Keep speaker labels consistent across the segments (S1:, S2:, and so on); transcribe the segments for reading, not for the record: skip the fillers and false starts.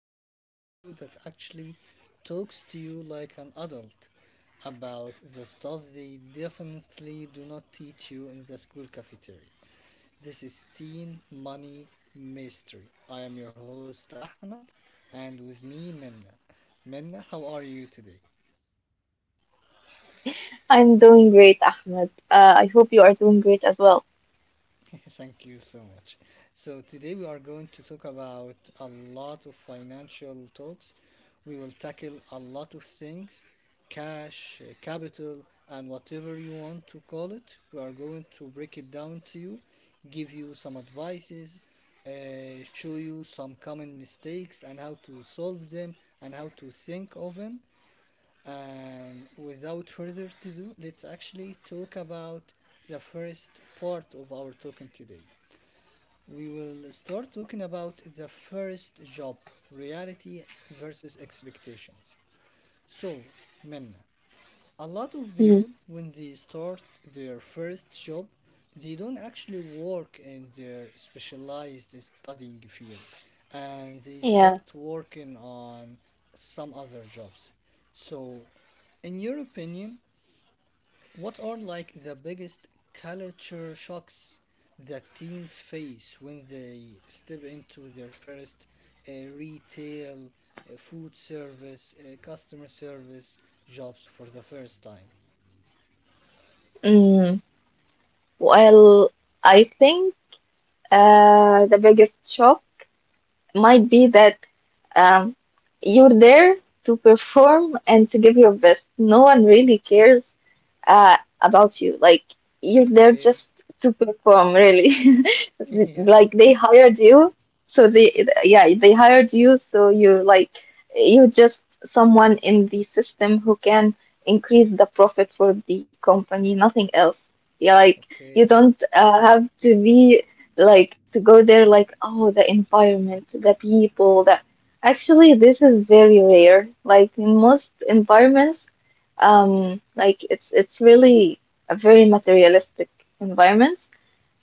S1: to the show that actually talks to you like an adult about the stuff they definitely do not teach you in the school cafeteria. This is Teen Money Mystery. I am your host, Ahmed, and with me, Minna. Minna, how are you today?
S2: I'm doing great, Ahmed. I hope you are doing great as well.
S1: Thank you so much. So, today we are going to talk about a lot of financial talks. We will tackle a lot of things cash, capital, and whatever you want to call it. We are going to break it down to you, give you some advices, show you some common mistakes and how to solve them and how to think of them. And without further to do, let's actually talk about the first part of our talking today. We will start talking about the first job, reality versus expectations. So, Minna, a lot of people
S2: Mm.
S1: when they start their first job they don't actually work in their specialized studying field and they start
S2: Yeah.
S1: working on some other jobs, so in your opinion what are like the biggest culture shocks that teens face when they step into their first uh, retail, food service, customer service jobs for the first time.
S2: Mm. Well, I think the biggest shock might be that um, you're there to perform and to give your best. No one really cares about you. Like you're there
S1: Okay.
S2: just to perform, really. Like
S1: Yes.
S2: they hired you, so they hired you, so you're just someone in the system who can increase the profit for the company, nothing else. Yeah, like you
S1: Okay.
S2: don't have to be like to go there like oh the environment, the people, that actually this is very rare. Like in most environments like it's really a very materialistic environment.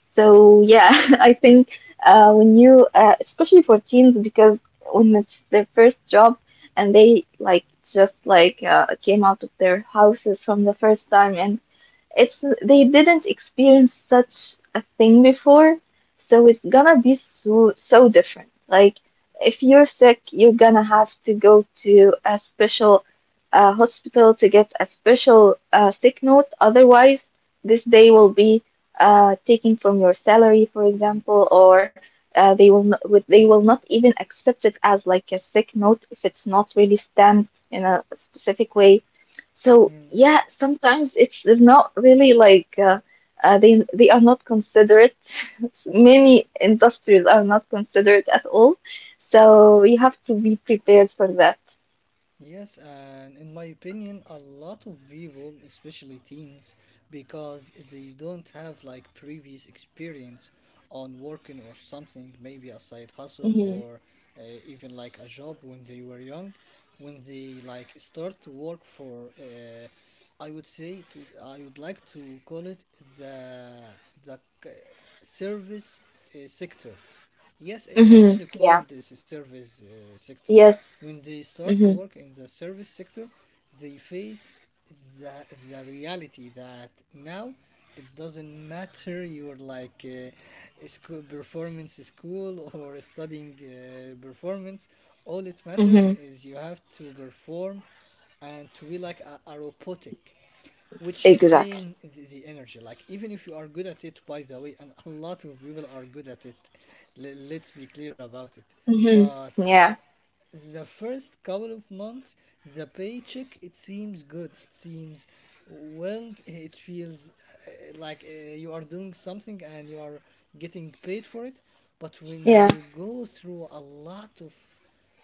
S2: So yeah, I think when you especially for teens because when it's their first job and they like just like came out of their houses from the first time and it's they didn't experience such a thing before, so it's gonna be so so different. Like if you're sick, you're gonna have to go to a special hospital to get a special sick note. Otherwise, this day will be taken from your salary, for example, or they will not even accept it as like a sick note if it's not really stamped in a specific way. So
S1: Hmm.
S2: yeah, sometimes it's not really like they are not considerate. Many industries are not considerate at all. So you have to be prepared for that.
S1: Yes, and in my opinion, a lot of people, especially teens, because they don't have like previous experience on working or something, maybe a side hustle
S2: hmm
S1: or even like a job when they were young, when they like start to work for, I would say to, I would like to call it the the service sector. Yes, it's
S2: hmm.
S1: actually called
S2: Yeah.
S1: the service sector.
S2: Yes.
S1: When they start to
S2: hmm
S1: work in the service sector, they face the, the reality that now it doesn't matter your like school performance, school or studying performance. All it matters
S2: hmm.
S1: is you have to perform and to be like a robotic, which
S2: Exactly.
S1: drain the energy, like even if you are good at it, by the way, and a lot of people are good at it, let's be clear about it,
S2: Hmm.
S1: but
S2: Yeah.
S1: the first couple of months, the paycheck it seems good, it seems well, it feels like you are doing something and you are getting paid for it, but when
S2: Yeah.
S1: you go through a lot of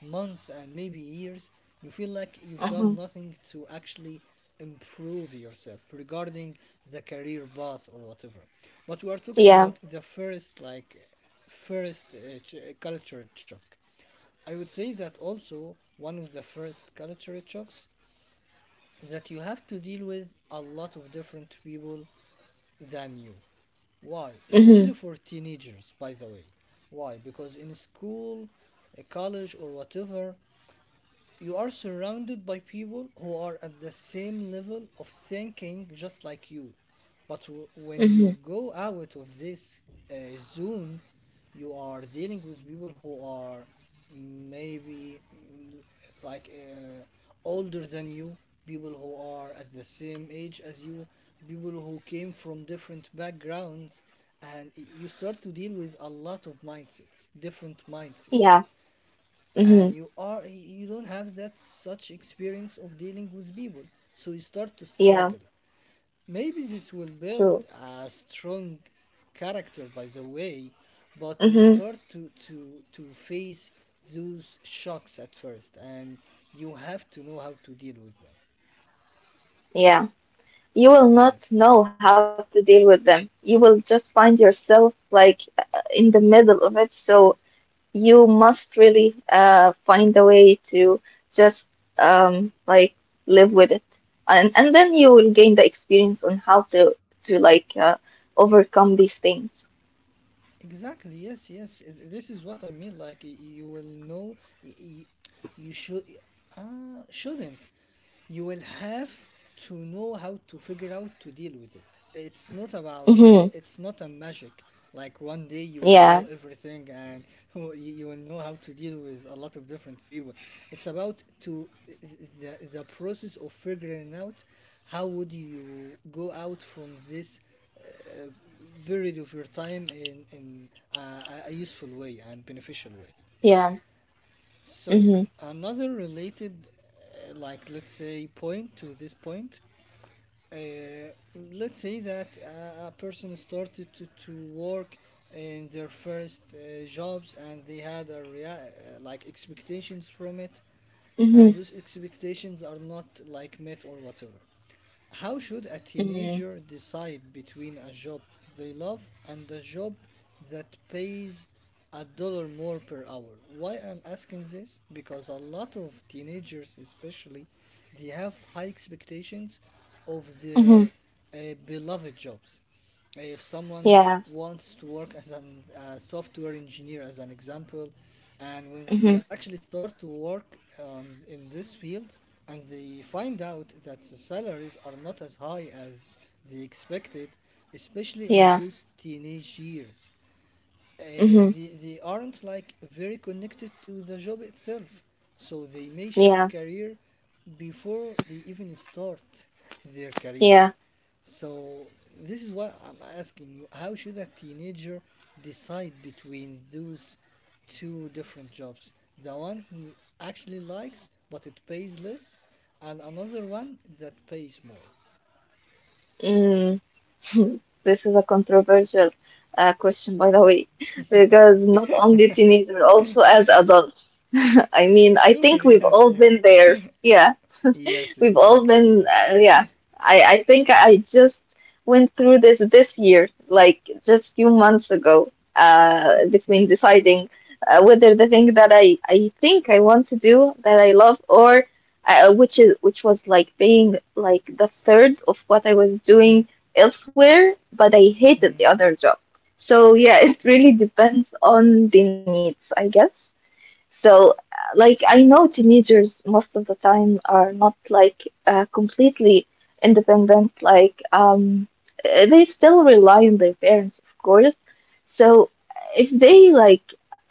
S1: months and maybe years you feel like you've done
S2: Hmm.
S1: nothing to actually improve yourself regarding the career path or whatever. But we are talking
S2: Yeah.
S1: about the first like first culture shock. I would say that also one of the first culture shocks that you have to deal with a lot of different people than you. Why? Especially
S2: Hmm.
S1: for teenagers, by the way. Why? Because in school, college, or whatever, you are surrounded by people who are at the same level of thinking just like you, but when
S2: Hmm.
S1: you go out of this uh, zone you are dealing with people who are maybe like uh, older than you, people who are at the same age as you, people who came from different backgrounds, and you start to deal with a lot of mindsets, different mindsets,
S2: Yeah.
S1: and
S2: Hmm.
S1: you don't have that such experience of dealing with people, so you start to
S2: Yeah.
S1: struggle. Maybe this will build
S2: True.
S1: a strong character, by the way, but you
S2: Hmm.
S1: start to face those shocks at first, and you have to know how to deal with them.
S2: Yeah. You will not
S1: Yes,
S2: know how to deal with them. You will just find yourself like in the middle of it. So you must really find a way to just like live with it, and then you will gain the experience on how to to like overcome these things.
S1: exactly, yes, yes. This is what I mean, like you will know, you should shouldn't you will have to know how to figure out to deal with it. It's not
S2: Mm-hmm.
S1: about it's not a magic like one day you
S2: Yeah.
S1: will know everything and you will know how to deal with a lot of different people. It's about to the process of figuring out how would you go out from this uh, period of your time in a useful way and beneficial way.
S2: Yeah.
S1: So
S2: Mm-hmm.
S1: another related, like let's say, point to this point. Let's say that a person started to work in their first jobs and they had a like expectations from it,
S2: Mm-hmm.
S1: and those expectations are not like met or whatever. How should a
S2: Mm-hmm.
S1: teenager decide between a job they love and a job that pays a dollar more per hour? Why I'm asking this? Because a lot of teenagers, especially, they have high expectations of
S2: Mm-hmm.
S1: their uh, beloved jobs. If someone
S2: Yeah.
S1: wants to work as an software engineer as an example, and when they
S2: Mm-hmm.
S1: actually start to work in this field, and they find out that the salaries are not as high as they expected, especially in
S2: Yeah.
S1: those teenage years,
S2: Mm-hmm.
S1: they aren't like very connected to the job itself, so they may shift
S2: Yeah.
S1: career before they even start their career.
S2: Yeah.
S1: So this is what I'm asking you. How should a teenager decide between those two different jobs? The one he actually likes but it pays less, and another one that pays more.
S2: Mm. This is a controversial question, by the way, because not only teenagers, also as adults. I mean, I
S1: Sure,
S2: think we've
S1: yes,
S2: all been
S1: yes.
S2: there. Yeah.
S1: Yes,
S2: We've all
S1: exactly,
S2: been,
S1: yes.
S2: yeah. I think I just went through this this year, like just few months ago, between
S1: Yes.
S2: deciding whether the thing that I think I want to do that I love or which was like being like the third of what I was doing elsewhere, but I hated the
S1: Mm.
S2: other job. So yeah, it really
S1: Okay.
S2: depends on the needs, I guess. So, like, I know teenagers most of the time are not like completely independent. Like, they still rely on their parents, of course. So, if they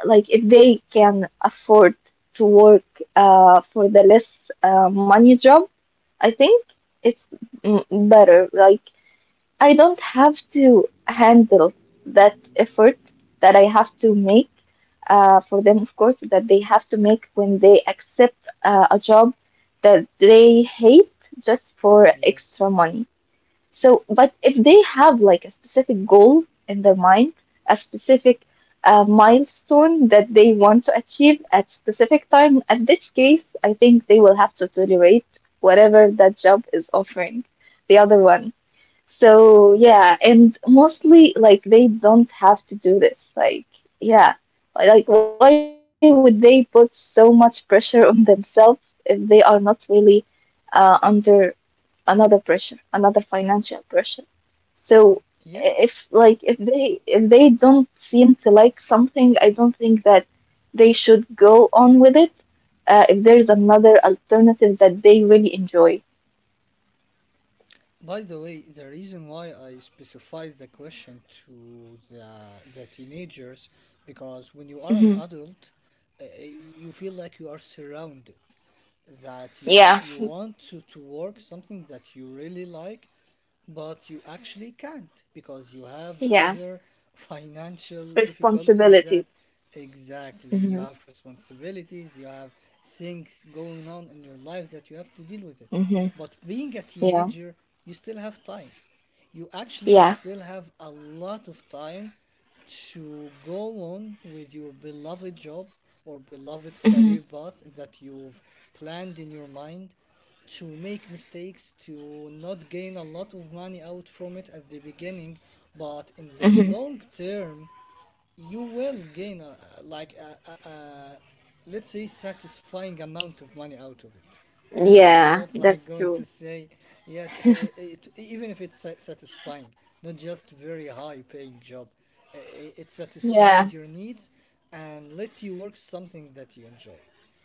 S2: like, if they can afford to work for the less money job, I think it's better. Like, I don't have to handle that effort that I have to make for them, of course, that they have to make when they accept a job that they hate just for extra
S1: Yes.
S2: money. So, but if they have like a specific goal in their mind, a specific milestone that they want to achieve at specific time, at this case, I think they will have to tolerate whatever that job is offering, the other one. So yeah, and mostly like they don't have to do this. Like yeah, like, why would they put so much pressure on themselves if they are not really under another pressure, another financial pressure? So i- if
S1: Yes.
S2: like if they if they don't seem to like something, I don't think that they should go on with it. If there's another alternative that they really enjoy.
S1: By the way, the reason why I specified the question to the teenagers, because when you are an
S2: Hmm.
S1: adult, you feel like you are surrounded, that you, you
S2: Yeah,
S1: you want to work something that you really like, but you actually can't because you have
S2: yeah,
S1: other financial difficulties
S2: responsibilities.
S1: that, exactly, you have responsibilities, you have things going on in your life that you have to deal with it.
S2: Mm-hmm.
S1: But being a
S2: Yeah.
S1: teenager, you still have time. You actually
S2: Yeah.
S1: still have a lot of time to go on with your beloved job or beloved
S2: Mm-hmm.
S1: career path that you've planned in your mind, to make mistakes, to not gain a lot of money out from it at the beginning, but in the
S2: Mm-hmm.
S1: long term you will gain a, like a let's say satisfying amount of money out of it. I'm
S2: Yeah,
S1: not like
S2: that's
S1: going to
S2: true.
S1: say, yes, even if it's satisfying, not just very high paying job. i- it
S2: Yeah.
S1: satisfies your needs and lets you work something that you enjoy.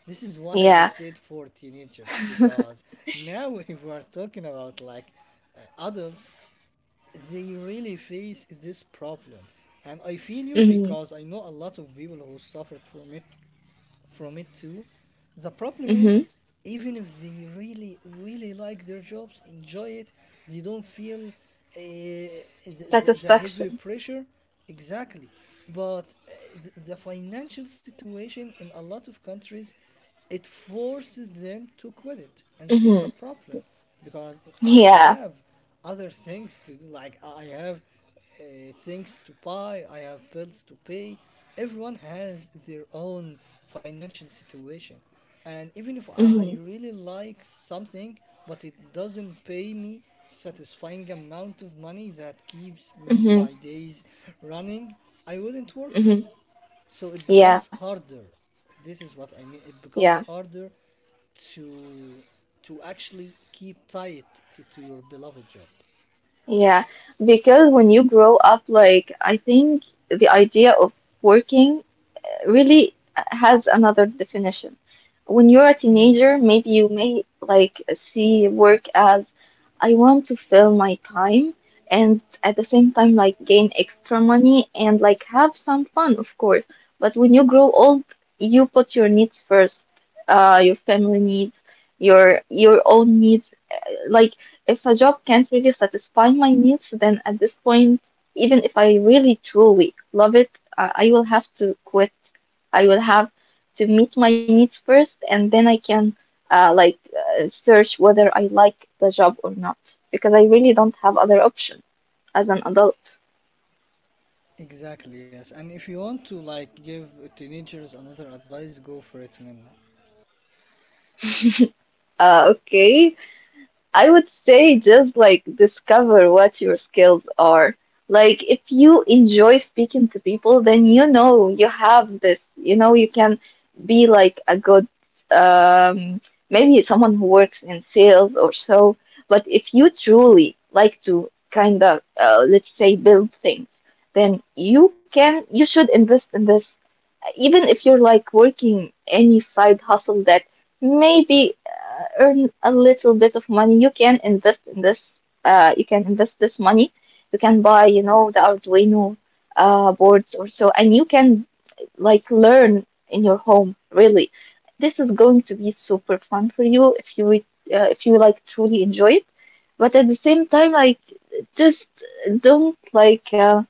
S1: This is why I
S2: Yeah.
S1: said for teenagers, because now if we are talking about like adults, they really face this problem, and I feel you
S2: Mm-hmm.
S1: because I know a lot of people who suffered from it, from it too. The problem
S2: Mm-hmm.
S1: is, even if they really, really like their jobs, enjoy it, they don't feel heavy
S2: Satisfaction.
S1: pressure. Exactly. But the financial situation in a lot of countries, it forces them to quit it. And this is a
S2: Mm-hmm.
S1: problem because I
S2: Yeah.
S1: have other things to do. Like I have things to buy, I have bills to pay. Everyone has their own financial situation. And even if I
S2: Mm-hmm.
S1: really like something, but it doesn't pay me satisfying amount of money that keeps
S2: Mm-hmm.
S1: my days running, I wouldn't work
S2: Mm-hmm.
S1: it. So it becomes
S2: Yeah.
S1: harder. This is what I mean. It
S2: Yeah.
S1: becomes harder to to actually keep tight to your beloved job.
S2: Yeah. Because when you grow up, like, I think the idea of working really has another definition. When you're a teenager, maybe you may like see work as I want to fill my time and at the same time like gain extra money and like have some fun, of course. But when you grow old, you put your needs first, your family needs, your own needs like if a job can't really satisfy my needs, then at this point, even if I really truly love it, I will have to quit. I will have to meet my needs first, and then I can uh, like search whether I like the job or not, because I really don't have other option as an adult.
S1: Exactly, yes. And if you want to like give teenagers another advice, go for it, man.
S2: Okay, I would say just like discover what your skills are. Like if you enjoy speaking to people, then you know you have this, you know, you can be like a good um maybe someone who works in sales or so. But if you truly like to kind of let's say build things, then you should invest in this even if you're like working any side hustle that maybe earn a little bit of money, you can invest in this. You can invest this money. You can buy, you know, the Arduino boards or so, and you can like learn in your home. Really, this is going to be super fun for you if if you like truly enjoy it. But at the same time, like just don't like.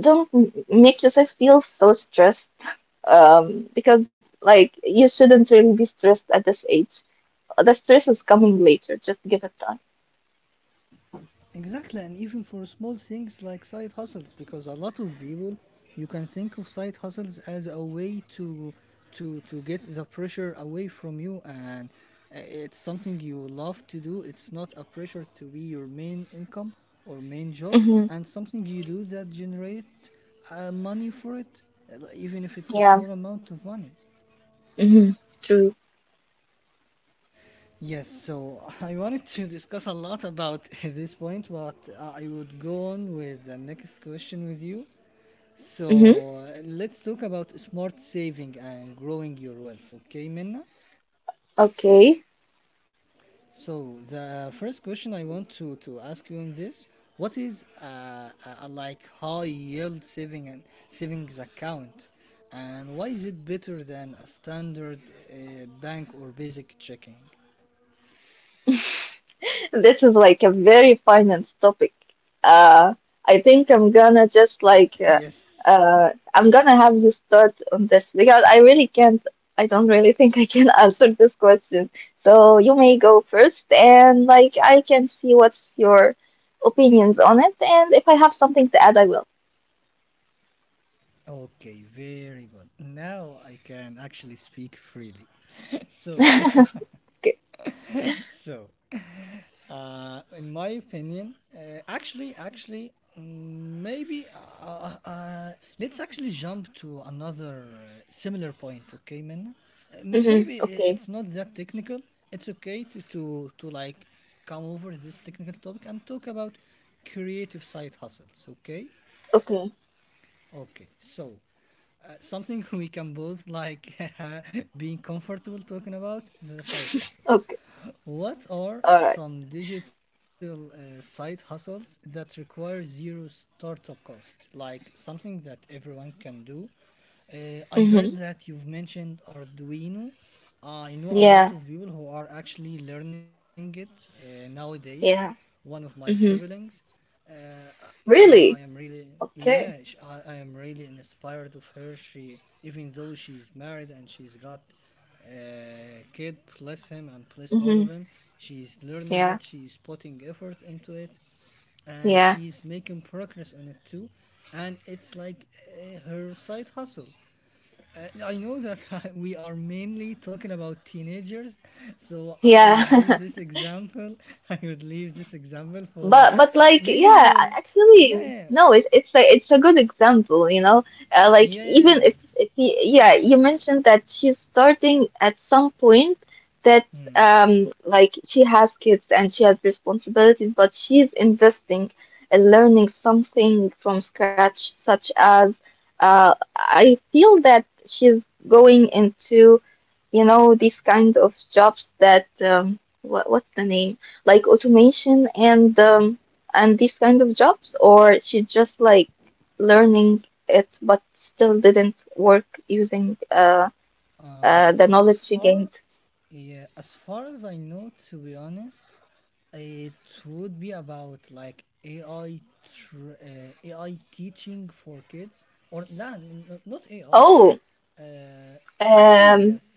S2: Don't make yourself feel so stressed because like you shouldn't really be stressed at this age. The stress is coming later. Just give it time.
S1: Exactly, and even for small things like side hustles, because a lot of people, you can think of side hustles as a way to get the pressure away from you, and it's something you love to do. It's not a pressure to be your main income or main job,
S2: Mm-hmm.
S1: and something you do that generate money for it, even if it's a
S2: Yeah.
S1: small amount of money.
S2: Mm-hmm. True.
S1: Yes, so I wanted to discuss a lot about this point, but I would go on with the next question with you.
S2: Mm-hmm.
S1: So let's talk about smart saving and growing your wealth, okay, Minna?
S2: Okay.
S1: So the first question I want to ask you in this, what is a like high yield saving and savings account, and why is it better than a standard bank or basic checking?
S2: This is like a very finance topic. Uh, I think I'm gonna just like uh,
S1: Yes.
S2: uh, I'm gonna have you start on this because I really can't. I don't really think I can answer this question. So you may go first, and like I can see what's your opinions on it, and if I have something to add, I will.
S1: Okay, very good. Now I can actually speak freely. So,
S2: Okay.
S1: so, in my opinion, actually, mm, maybe uh, uh, let's actually jump to another similar point. Okay, Minna.
S2: Mm-hmm.
S1: Maybe
S2: Okay.
S1: it's not that technical. It's okay to like come over this technical topic and talk about creative side hustles. Okay.
S2: Okay.
S1: Okay, so something we can both like being comfortable talking about is a side hustle.
S2: Okay.
S1: What are
S2: All right.
S1: some digital side hustles that require zero startup cost? Like something that everyone can do. I heard
S2: Mm-hmm.
S1: that you've mentioned Arduino. I know a lot
S2: Yeah.
S1: of people who are actually learning it nowadays.
S2: Yeah.
S1: One of my
S2: Mm-hmm.
S1: siblings. Uh, I am
S2: Really?
S1: really
S2: Okay.
S1: yeah I am really inspired of her. She even though she's married and she's got a kid, bless him and bless all of
S2: Mm-hmm.
S1: him, she's learning
S2: Yeah.
S1: it, she's putting effort into it, and
S2: Yeah.
S1: she's making progress on it too. And it's like her side hustle. I know that we are mainly talking about teenagers, so I
S2: Yeah.
S1: would leave this example, I would leave this example for
S2: But
S1: maybe
S2: yeah,
S1: we'll yeah,
S2: actually
S1: yeah,
S2: no, it's like it's a good example, you know. Like
S1: yeah, yeah,
S2: even
S1: yeah.
S2: if yeah, you mentioned that she's starting at some point that
S1: Yeah. Hmm.
S2: like she has kids and she has responsibilities, but she's investing in learning something from scratch, such as I feel that she's going into you know these kinds of jobs that what what's the name? Like automation and these kind of jobs, or she just like learning it but still didn't work using the
S1: As
S2: knowledge she
S1: far
S2: gained?
S1: Yeah, as far as I know, to be honest, it would be about like AI teaching for kids, or no, not AI.
S2: Oh,
S1: Uh, Actually,
S2: um,
S1: yes.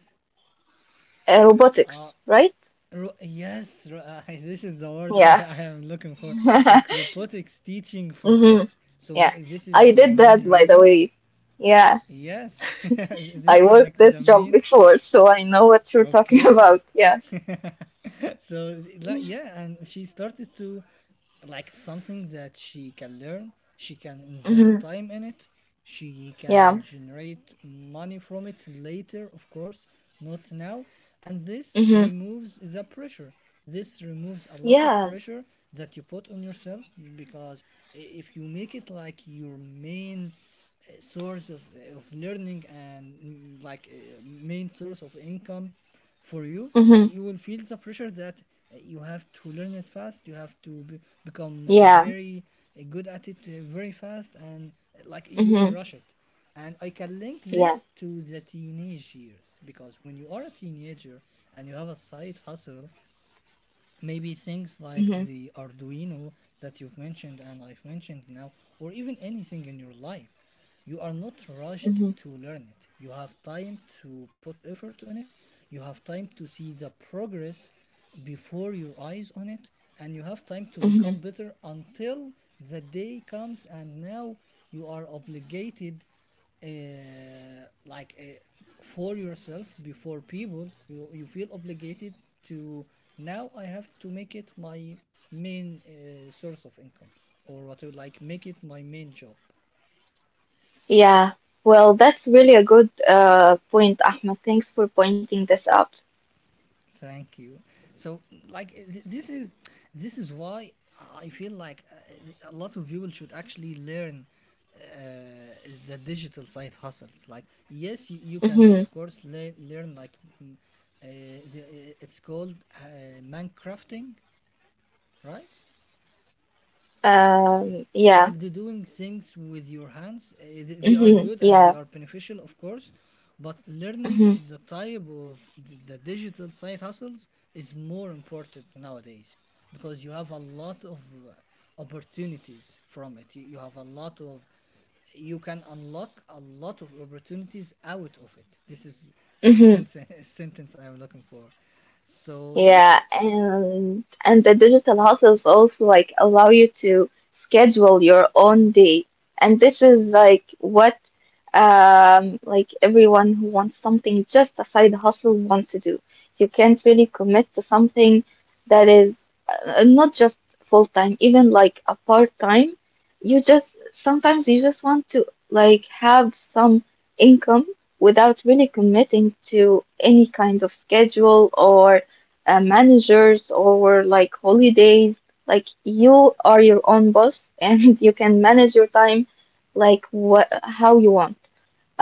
S1: Uh,
S2: robotics, right?
S1: yes, this is the word I,
S2: Yeah.
S1: I am looking for. Like robotics teaching for
S2: Hmm.
S1: kids. So
S2: Yeah.
S1: this is
S2: I
S1: the
S2: did
S1: main
S2: that, by the
S1: reason.
S2: way. Yeah.
S1: Yes,
S2: I
S1: this is like
S2: worked
S1: the
S2: this job
S1: main.
S2: before, so I know what you're talking
S1: Okay.
S2: about. Yeah.
S1: So like, yeah, and she started to like something that she can learn, she can invest
S2: Hmm.
S1: time in it, she
S2: Yeah.
S1: can generate money from it later, of course, not now. And this
S2: Hmm.
S1: removes the pressure, this removes a lot of
S2: Yeah.
S1: pressure that you put on yourself. Because if you make it like your main source of learning and main source of income for you,
S2: Hmm.
S1: you will feel the pressure that you have to learn it fast, you have to be, become
S2: Yeah.
S1: very good at it very fast, and like you
S2: Hmm.
S1: will rush it. And I can link
S2: Yeah.
S1: this to the teenage years, because when you are a teenager and you have a side hustle, maybe things like
S2: hmm
S1: the Arduino that you've mentioned and I've mentioned now, or even anything in your life. You are not rushed to learn it. You have time to put effort on it. You have time to see the progress before your eyes on it. And you have time to
S2: hmm.
S1: become better until the day comes and now you are obligated, uh, like uh, for yourself, before people, you feel obligated to, now I have to make it my main source of income, or what I would like, make it my main job.
S2: Yeah. Well, that's really a good point, Ahmed. Thanks for pointing this out.
S1: Thank you. So, like, this is, this is why I feel like a lot of people should actually learn uh, the digital side hustles. Like, yes, you can
S2: Mm-hmm.
S1: of course learn like mm, uh, the, it's called man crafting, right?
S2: Yeah.
S1: Like the doing things with your hands, they are
S2: Mm-hmm.
S1: good and they
S2: Yeah.
S1: are beneficial, of course. But learning
S2: Mm-hmm.
S1: the type of the digital side hustles is more important nowadays, because you have a lot of opportunities from it. You have a lot of, you can unlock a lot of opportunities out of it. This is the
S2: Mm-hmm.
S1: sentence, sentence I'm looking for. So
S2: Yeah,
S1: yes,
S2: and the digital hustles also like allow you to schedule your own day. And this is like what like everyone who wants something just a side hustle want to do. You can't really commit to something that is not just full time, even like a part time. You just sometimes you just want to like have some income without really committing to any kind of schedule or managers or like holidays. Like you are your own boss and you can manage your time like what how you want.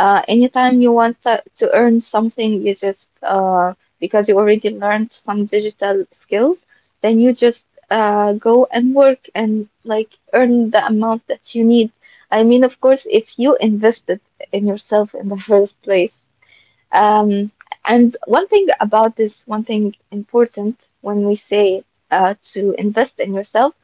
S2: Anytime you want to earn something, you just because you already learned some digital skills, then you just go and work and like earn the amount that you need. I mean, of course, if you invested in yourself in the first place. Um, and one thing about this, one thing important when we say to invest in yourself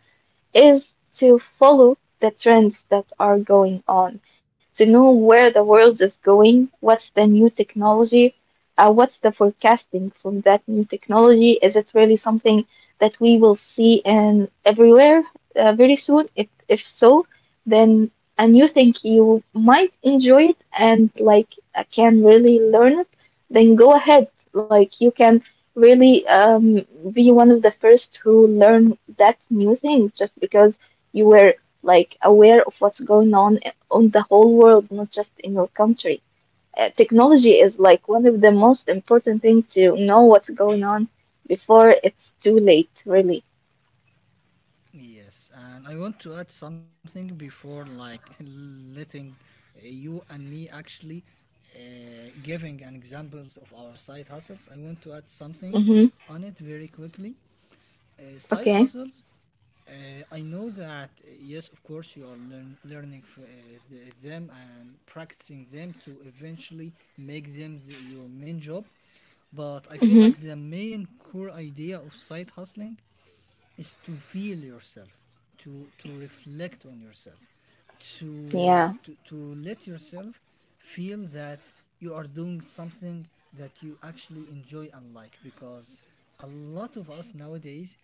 S2: is to follow the trends that are going on, to know where the world is going, what's the new technology, what's the forecasting from that new technology. Is it really something that we will see in everywhere very soon? If so, then and you think you might enjoy it and like can really learn it, then go ahead. Like you can really be one of the first who learn that new thing just because you were like aware of what's going on the whole world, not just in your country. Technology
S1: yes.
S2: is like one of the most important thing to know what's going on before it's too late, really.
S1: Yes, and I want to add something before like letting you and me actually giving an examples of our side hustles. I want to add something
S2: Mm-hmm.
S1: on it very quickly. Side
S2: Okay.
S1: hustles. I know that yes, of course, you are learning the- them and practicing them to eventually make them the- your main job. But I feel
S2: Mm-hmm.
S1: like the main core idea of side hustling is to feel yourself, to reflect on yourself, to
S2: Yeah.
S1: to let yourself feel that you are doing something that you actually enjoy and like. Because a lot of us nowadays,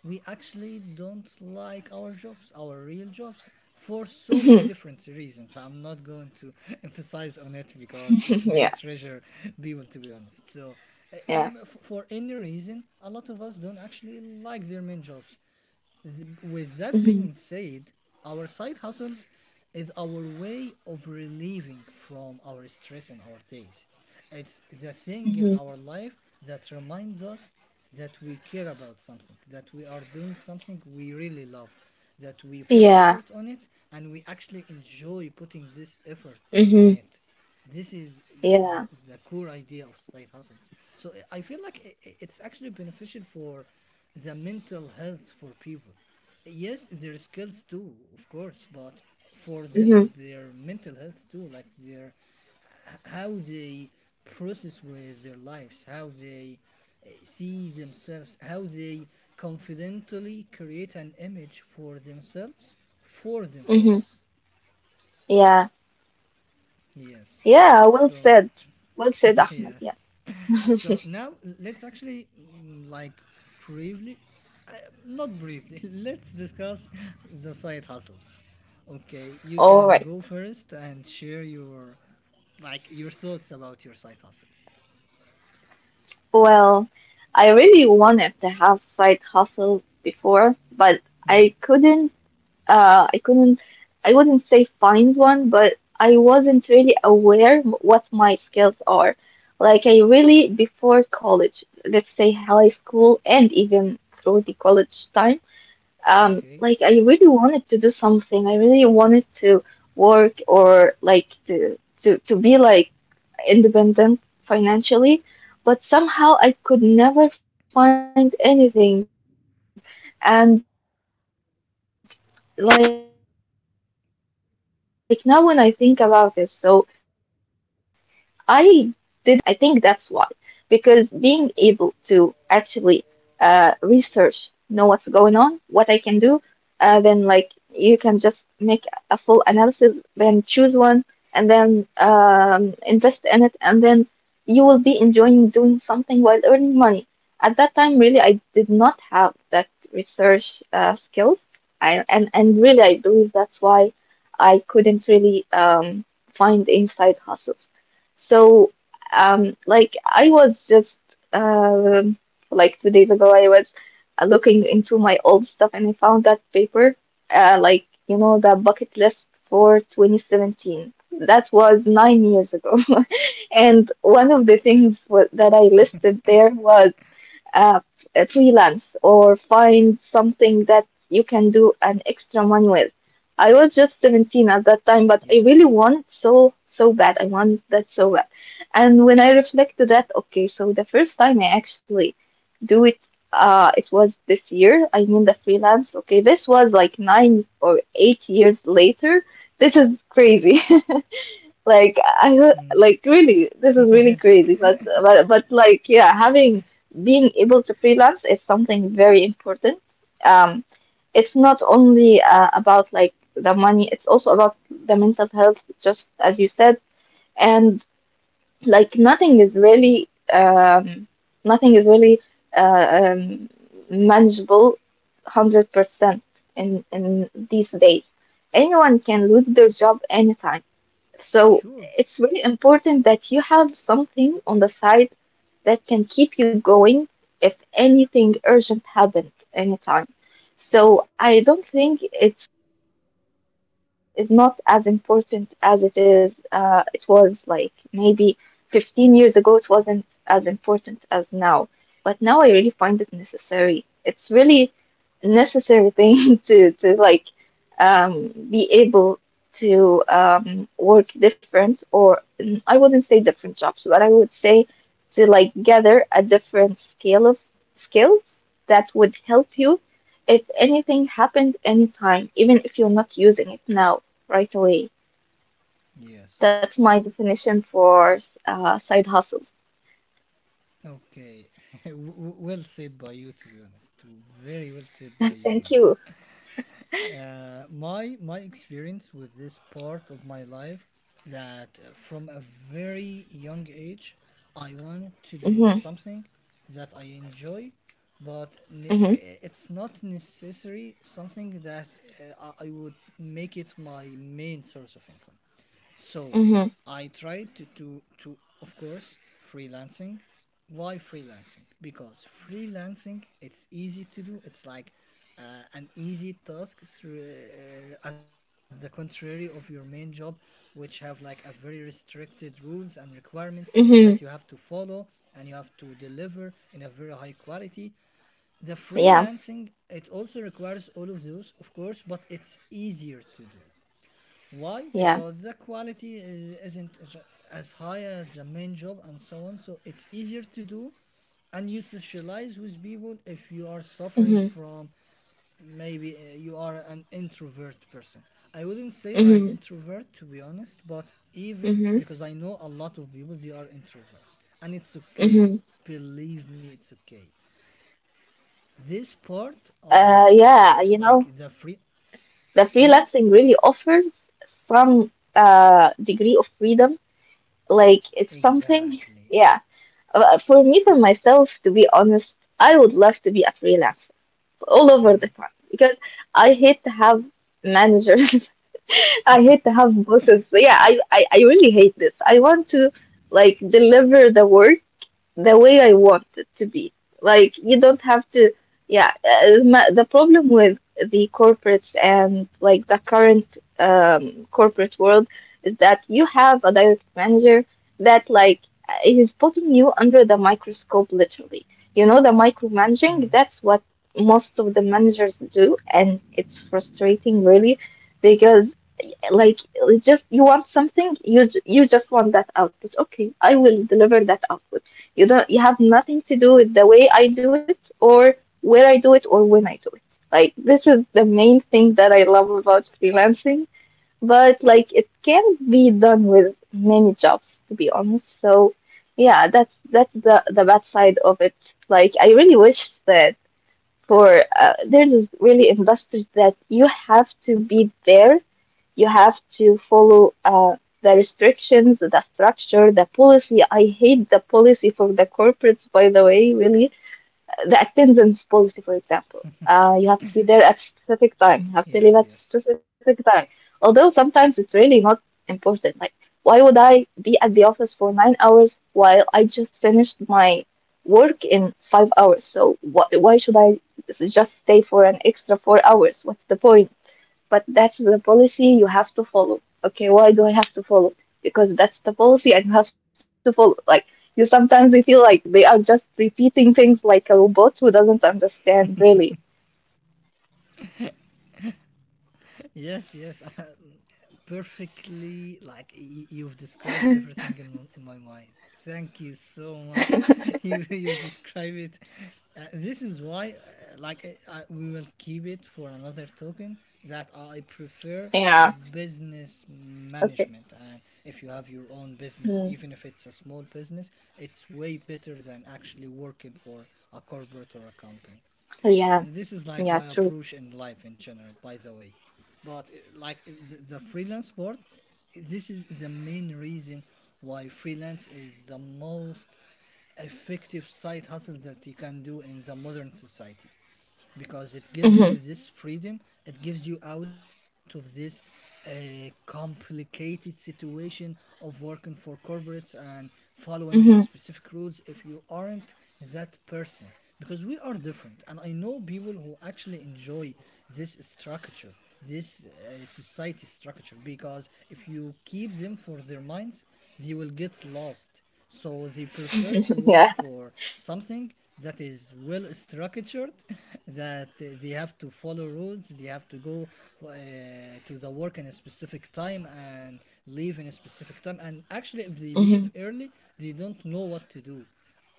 S1: we actually don't like our jobs, our real jobs, for so many different reasons. I'm not going to emphasize on it because it may
S2: Yeah.
S1: treasure people, to be honest. So uh,
S2: Yeah.
S1: for any reason, a lot of us don't actually like their main jobs. With that
S2: Mm-hmm.
S1: being said, our side hustles is our way of relieving from our stress in our days. It's the thing in
S2: Mm-hmm.
S1: our life that reminds us that we care about something, that we are doing something we really love, that we put
S2: Yeah.
S1: effort on it and we actually enjoy putting this effort on
S2: Mm-hmm.
S1: it. This is
S2: Yeah.
S1: the core idea of side hustles. So I feel like it's actually beneficial for the mental health for people. Yes, their skills too, of course, but for
S2: Mm-hmm.
S1: them, their mental health too, like their how they process with their lives, how they see themselves, how they confidently create an image for themselves, for
S2: Mm-hmm.
S1: themselves.
S2: Yeah.
S1: Yes.
S2: Yeah. Well
S1: So,
S2: said. Well said, Ahmed.
S1: yeah.
S2: Yeah.
S1: So now let's actually briefly, uh, not briefly, let's discuss the side hustles. Okay, you
S2: All
S1: can
S2: right.
S1: go first and share your like your thoughts about your side hustle.
S2: Well, I really wanted to have side hustle before, but
S1: Hmm.
S2: I couldn't uh I couldn't I wouldn't say find one, but I wasn't really aware what my skills are. Like I really before college, let's say high school and even through the college time,
S1: Okay.
S2: like I really wanted to do something. I really wanted to work or like to be like independent financially, but somehow I could never find anything. And like now, when I think about it, so I didn't have the research skills at that time. I think that's why, because being able to actually research, know what's going on, what I can do, then like you can just make a full analysis, then choose one, and then invest in it, and then you will be enjoying doing something while earning money. At that time, really, I did not have that research skills and really, I believe that's why I couldn't really find inside hustles. So, like I was just um like 2 days ago, I was looking into my old stuff and I found that paper, like you know, the bucket list for 2017. That was 9 years ago, and one of the things wa that I listed there was uh, a freelance or find something that you can do an extra one with. I was just 17 at that time, but I really
S1: Yes.
S2: want it so, so bad. I want that so bad. And when I reflect to that, okay, so the first time I actually do it, it was this year. I mean, the freelance. Okay, this was like 9 or 8 years later. This is crazy. Like I heard,
S1: Hmm.
S2: like really, this is really
S1: Yes.
S2: crazy. But like yeah, having being able to freelance is something very important. Um, it's not only about like the money; it's also about the mental health, just as you said. And like nothing is really um nothing is really uh, um manageable 100% in these days. Anyone can lose their job anytime so
S1: Sure.
S2: it's really important that you have something on the side that can keep you going if anything urgent happened anytime. So I don't think it's is not as important as it is it was like maybe 15 years ago. It wasn't as important as now, but now I really find it necessary. It's really necessary thing to like be able to work different or I wouldn't say different jobs, but I would say to like gather a different scale of skills that would help you if anything happened anytime, even if you're not using it now right away.
S1: Yes.
S2: That's my definition for side hustles.
S1: Okay. Well said by you, to be honest. Very well said by you,
S2: Thank
S1: man.
S2: you.
S1: My my experience with this part of my life, that from a very young age I want to do
S2: Mhm.
S1: something that I enjoy, but
S2: Mhm.
S1: it's not necessary something that I would make it my main source of income. So
S2: Mhm.
S1: I tried to, of course, freelancing. Why freelancing? Because freelancing, it's easy to do. It's like uh, an easy task through at the contrary of your main job, which have like a very restricted rules and requirements that you
S2: Mhm.
S1: have to follow, and you have to deliver in a very high quality. The
S2: Yeah.
S1: freelancing, it also requires all of those, of course, but it's easier to do. Why?
S2: Yeah.
S1: Because the quality is, isn't as high as the main job and so on. So it's easier to do, and you socialize with people if you are
S2: Mhm.
S1: suffering from maybe you are an introvert person. I wouldn't say I am
S2: Mhm.
S1: introvert, to be honest, but even
S2: Mhm.
S1: because I know a lot of people they are introverts, and it's
S2: Mhm.
S1: okay. Believe me, it's okay. This part of like
S2: Yeah.
S1: the free. Hmm?
S2: The freelancing really offers some degree of freedom. Like it's something.
S1: Exactly.
S2: Yeah. For me, for myself, to be honest, I would love to be a freelancer all over the
S1: Mm,
S2: time because I hate to have managers. I hate to have bosses. So, yeah, I really hate this. I want to like deliver the work the way I want it to be. Like you don't have
S1: yes.
S2: to. Yeah, the problem with the corporates and like the current corporate world is that you have a direct manager that like is putting you under the microscope literally. You know, the micromanaging,
S1: Mm,
S2: that's what most of the managers do, and it's frustrating really because like it just you want something you just want that output. Okay, I will deliver that output. You have nothing to do with the way I do it, or where I do it, or when I do it. Like this is the main thing that I love about freelancing, but like it can be done with many jobs, to be honest. So yeah, that's the bad side of it. Like I really wish that for there's really investors that you have to be there, you have to follow the restrictions, the structure, the policy. I hate the policy for the corporates, by the way, really. The attendance policy, for example. You have to be there at specific time. You have to leave
S1: yes,
S2: at
S1: yes,
S2: specific time. Although sometimes it's really not important. Like, why would I be at the office for 9 hours while I just finished my work in 5 hours? So why should I just stay for an extra 4 hours? What's the point? But that's the policy you have to follow. Okay, why do I have to follow? Because that's the policy and you have to follow. Like you sometimes you feel like they are just repeating things like a robot who doesn't understand really.
S1: yes, yes. Perfectly, like you've described everything in in my mind. Thank you so much. You describe it. This is why, I, we will keep it for another token. That I
S2: Yeah.
S1: prefer business
S2: Okay.
S1: management, and if you have your own
S2: Mm.
S1: business, even if it's a small business, it's way better than actually working for a corporate or a company.
S2: Yeah.
S1: And this is
S2: Yeah.
S1: like my
S2: True.
S1: approach in life in general, by the way. But the freelance world, this is the main reason why freelance is the most effective side hustle that you can do in the modern society, because it
S2: Hmm.
S1: gives you this freedom, it gives you out of this complicated situation of working for corporates and following
S2: Hmm.
S1: specific rules if you aren't that person. Because we are different, and I know people who actually enjoy this structure, this society structure, because if you keep them for their minds, they will get lost. So they prefer to
S2: Yeah.
S1: work for something that is well structured, that they have to follow rules, they have to go uh, to the work in a specific time and leave in a specific time. And actually, if they
S2: Hmm.
S1: leave early, they don't know what to do.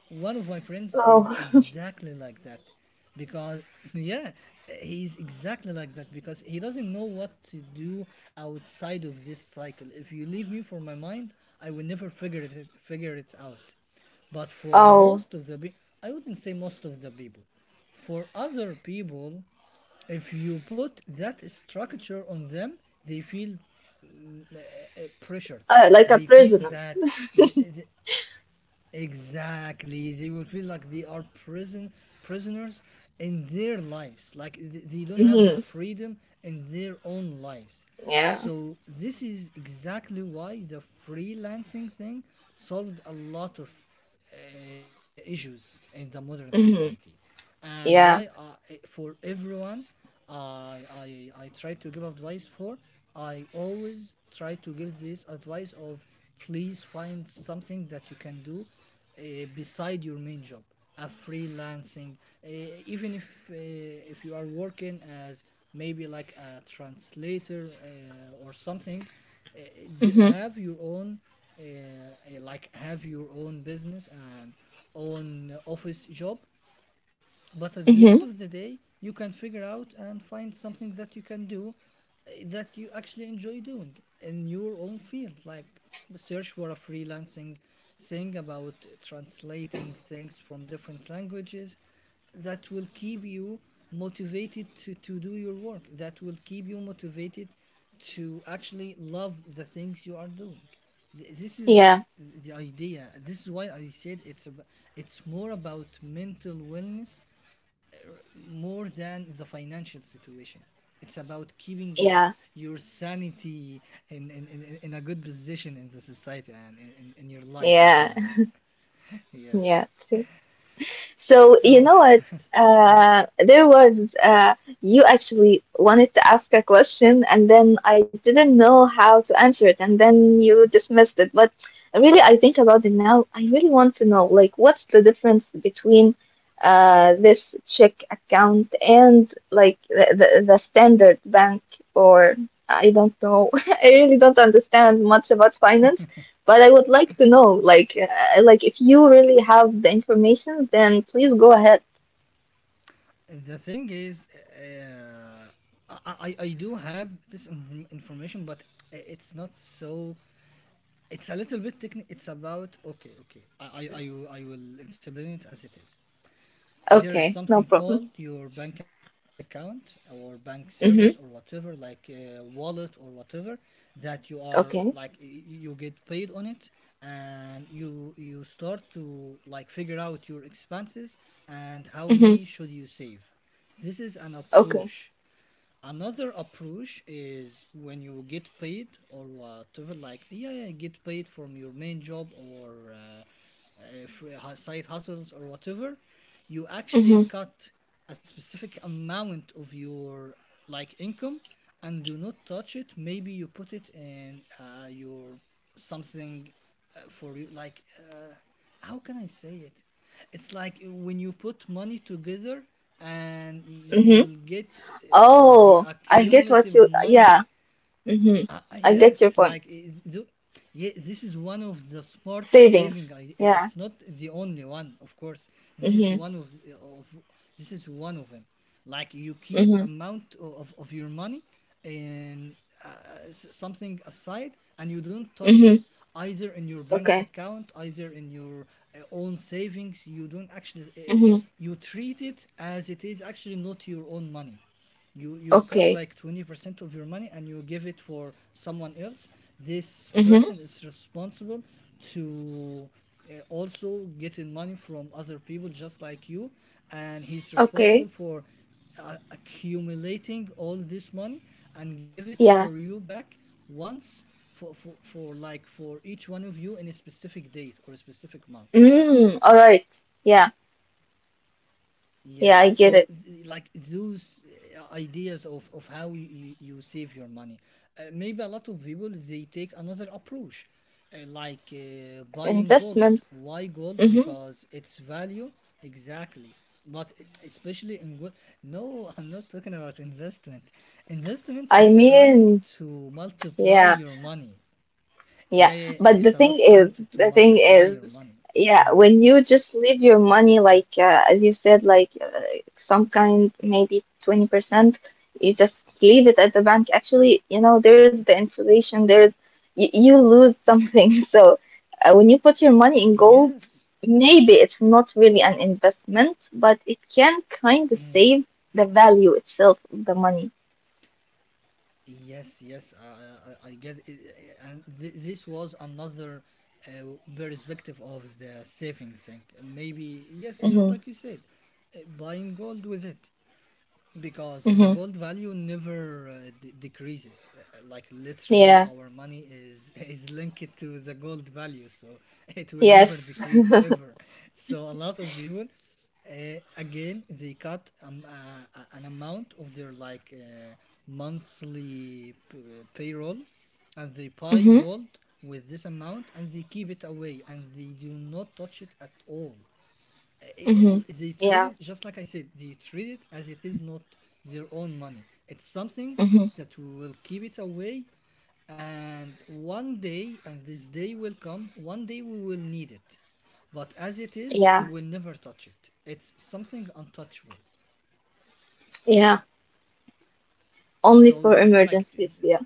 S1: One of my friends is
S2: Oh.
S1: exactly like that, because yeah, he's exactly like that, because he doesn't know what to do outside of this cycle. If you leave me for my mind, I will never figure it out. But for
S2: Oh.
S1: most of the I wouldn't say most of the people, for other people, if you put that structure on them, they feel pressured,
S2: Like a
S1: they feel
S2: prisoner.
S1: that th- Exactly. They will feel like they are prisoners in their lives. Like they don't have the
S2: Mhm.
S1: freedom in their own lives.
S2: Yeah.
S1: So this is exactly why the freelancing thing solved a lot of issues in the modern society.
S2: Hmm.
S1: And why
S2: Yeah.
S1: I, for everyone, I I try to give advice for, I always try to give this advice of please find something that you can do beside your main job, a freelancing, uh, even if you are working as maybe like a translator or something, uh,
S2: Hmm.
S1: have your own have your own business and own office job. But at the
S2: Hmm.
S1: end of the day, you can figure out and find something that you can do that you actually enjoy doing in your own field, like search for a freelancing thing about translating things from different languages that will keep you motivated to do your work, that will keep you motivated to actually love the things you are doing. This is
S2: Yeah.
S1: the idea. This is why I said it's about, it's more about mental wellness more than the financial situation. It's about keeping
S2: Yeah.
S1: your sanity in a good position in the society and in your life in
S2: Yeah.
S1: general.
S2: Yeah.
S1: Yes.
S2: So you
S1: So
S2: know what? There was you actually wanted to ask a question, and then I didn't know how to answer it, and then you dismissed it. But really, I think about it now. I really want to know, like, what's the difference between this check account and like the standard bank, or I don't know. I really don't understand much about finance. But I would like to know, like, if you really have the information, then please go ahead.
S1: The thing is, uh, I do have this information, but it's not so. It's a little bit technical. It's about okay. I will explain it as it is. There is
S2: Okay,
S1: something
S2: no
S1: called
S2: problem.
S1: your bank account or bank service or whatever,
S2: Mm-hmm.
S1: like wallet or whatever, that you are like
S2: Okay.
S1: you get paid on it, and you start to like figure out your expenses and how
S2: Mm-hmm.
S1: many should you save. This is an
S2: Okay.
S1: approach. Another approach is when you get paid or whatever, like yeah, yeah, get paid from your main job or side hustles or whatever, you
S2: Mm-hmm.
S1: actually cut a specific amount of your like income and do not touch it. Maybe you put it in your something for you like. Uh, how can I say it? It's like when you put money together and you
S2: Mm-hmm.
S1: will get the
S2: Oh, I get what
S1: accumulative
S2: you.
S1: money.
S2: Yeah. Mm-hmm. I get your
S1: Yes,
S2: point.
S1: like yeah, this is one of the smart
S2: Savings.
S1: saving.
S2: Yeah.
S1: It's not the only one, of course. This is
S2: Mm-hmm.
S1: one of the- of this is one of them. Like you keep
S2: Mm-hmm.
S1: amount of your money and something aside, and you don't touch it,
S2: Mm-hmm.
S1: either in your bank
S2: Okay.
S1: account, either in your own savings. You don't actually
S2: Mm-hmm.
S1: you treat it as it is actually not your own money. You cut
S2: Okay.
S1: like 20% of your money and you give it for someone else. This
S2: Mm-hmm.
S1: person is responsible to also getting money from other people just like you, and he's responsible
S2: Okay.
S1: for accumulating all this money and give it for
S2: Yeah.
S1: you back once for each one of you in a specific date or a specific month.
S2: Mm. All right. Yeah. Yeah.
S1: Yes,
S2: I get
S1: so
S2: it.
S1: like those ideas of how you save your money. Maybe a lot of people they take another approach, buying gold.
S2: Investments.
S1: Why gold?
S2: Mm-hmm.
S1: Because its value, exactly. But especially in gold, no, I'm not talking about investment. Investment
S2: I
S1: is trying
S2: mean.
S1: to
S2: Yeah.
S1: multiply your money.
S2: Yeah,
S1: Yeah, yeah,
S2: but the
S1: it's
S2: thing
S1: about
S2: is,
S1: trying to
S2: the thing
S1: multiply
S2: is,
S1: your money.
S2: yeah, when you just leave your money, like as you said, some kind, maybe 20%, you just leave it at the bank. Actually, you know, there's the inflation, there's you lose something. So when you put your money in gold,
S1: Yes.
S2: maybe it's not really an investment, but it can kind of
S1: Mm.
S2: save the value itself of the money.
S1: Yes, yes, I get it. And this was another perspective of the saving thing. Maybe, yes,
S2: Mm-hmm.
S1: just like you said, buying gold with it because the
S2: Mm-hmm.
S1: gold value never decreases. Like, literally,
S2: Yeah.
S1: our money is is linked to the gold value, so it will
S2: Yes.
S1: never decrease ever. So a lot of people again they cut an amount of their like monthly payroll, and they buy
S2: Mm-hmm.
S1: gold with this amount and they keep it away and they do not touch it at all.
S2: Mm-hmm.
S1: They treat
S2: Yeah.
S1: it just like I said. They treat it as it is not their own money. It's something
S2: Mm-hmm.
S1: that we will keep it away, and one day, and this day will come. One day we will need it, but as it is, we
S2: Yeah.
S1: will never touch it. It's something untouchable.
S2: Yeah, only
S1: So
S2: for
S1: this is like
S2: emergencies,
S1: uh,
S2: yeah,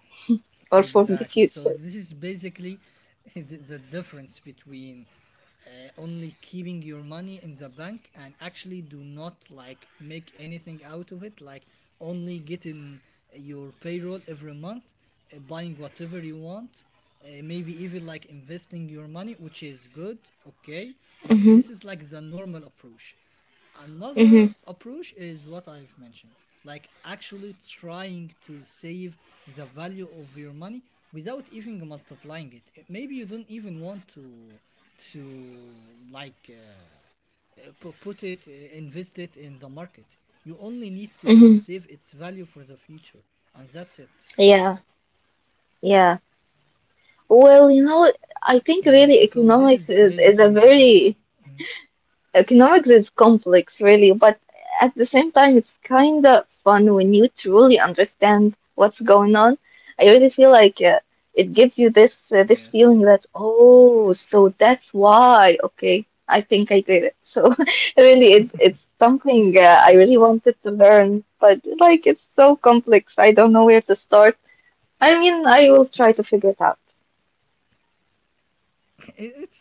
S2: or for the
S1: exactly. So
S2: future.
S1: this is basically the difference between only keeping your money in the bank and actually do not like make anything out of it, like only getting your payroll every month, buying whatever you want. Maybe even like investing your money, which is good, okay, but
S2: Mm-hmm.
S1: this is like the normal approach. Another
S2: Mm-hmm.
S1: approach is what I've mentioned, like actually trying to save the value of your money without even multiplying it. Eh, maybe you don't even want to like put it, invest it in the market. You only need to
S2: Mm-hmm.
S1: save its value for the future, and that's it.
S2: Yeah, yeah. Well, you know, I think
S1: Yes,
S2: really
S1: so this
S2: economics
S1: is
S2: is is a
S1: basically the difference.
S2: very
S1: Mm.
S2: economics is complex, really, but at the same time, it's kind of fun when you truly understand what's going on. I really feel like it gives you this
S1: Yes,
S2: feeling that, oh, so that's why. Okay, I think I get it. So really, it's something I really
S1: yes.
S2: wanted to learn, but like it's so complex, I don't know where to start. I mean, I will try to figure it out.
S1: it's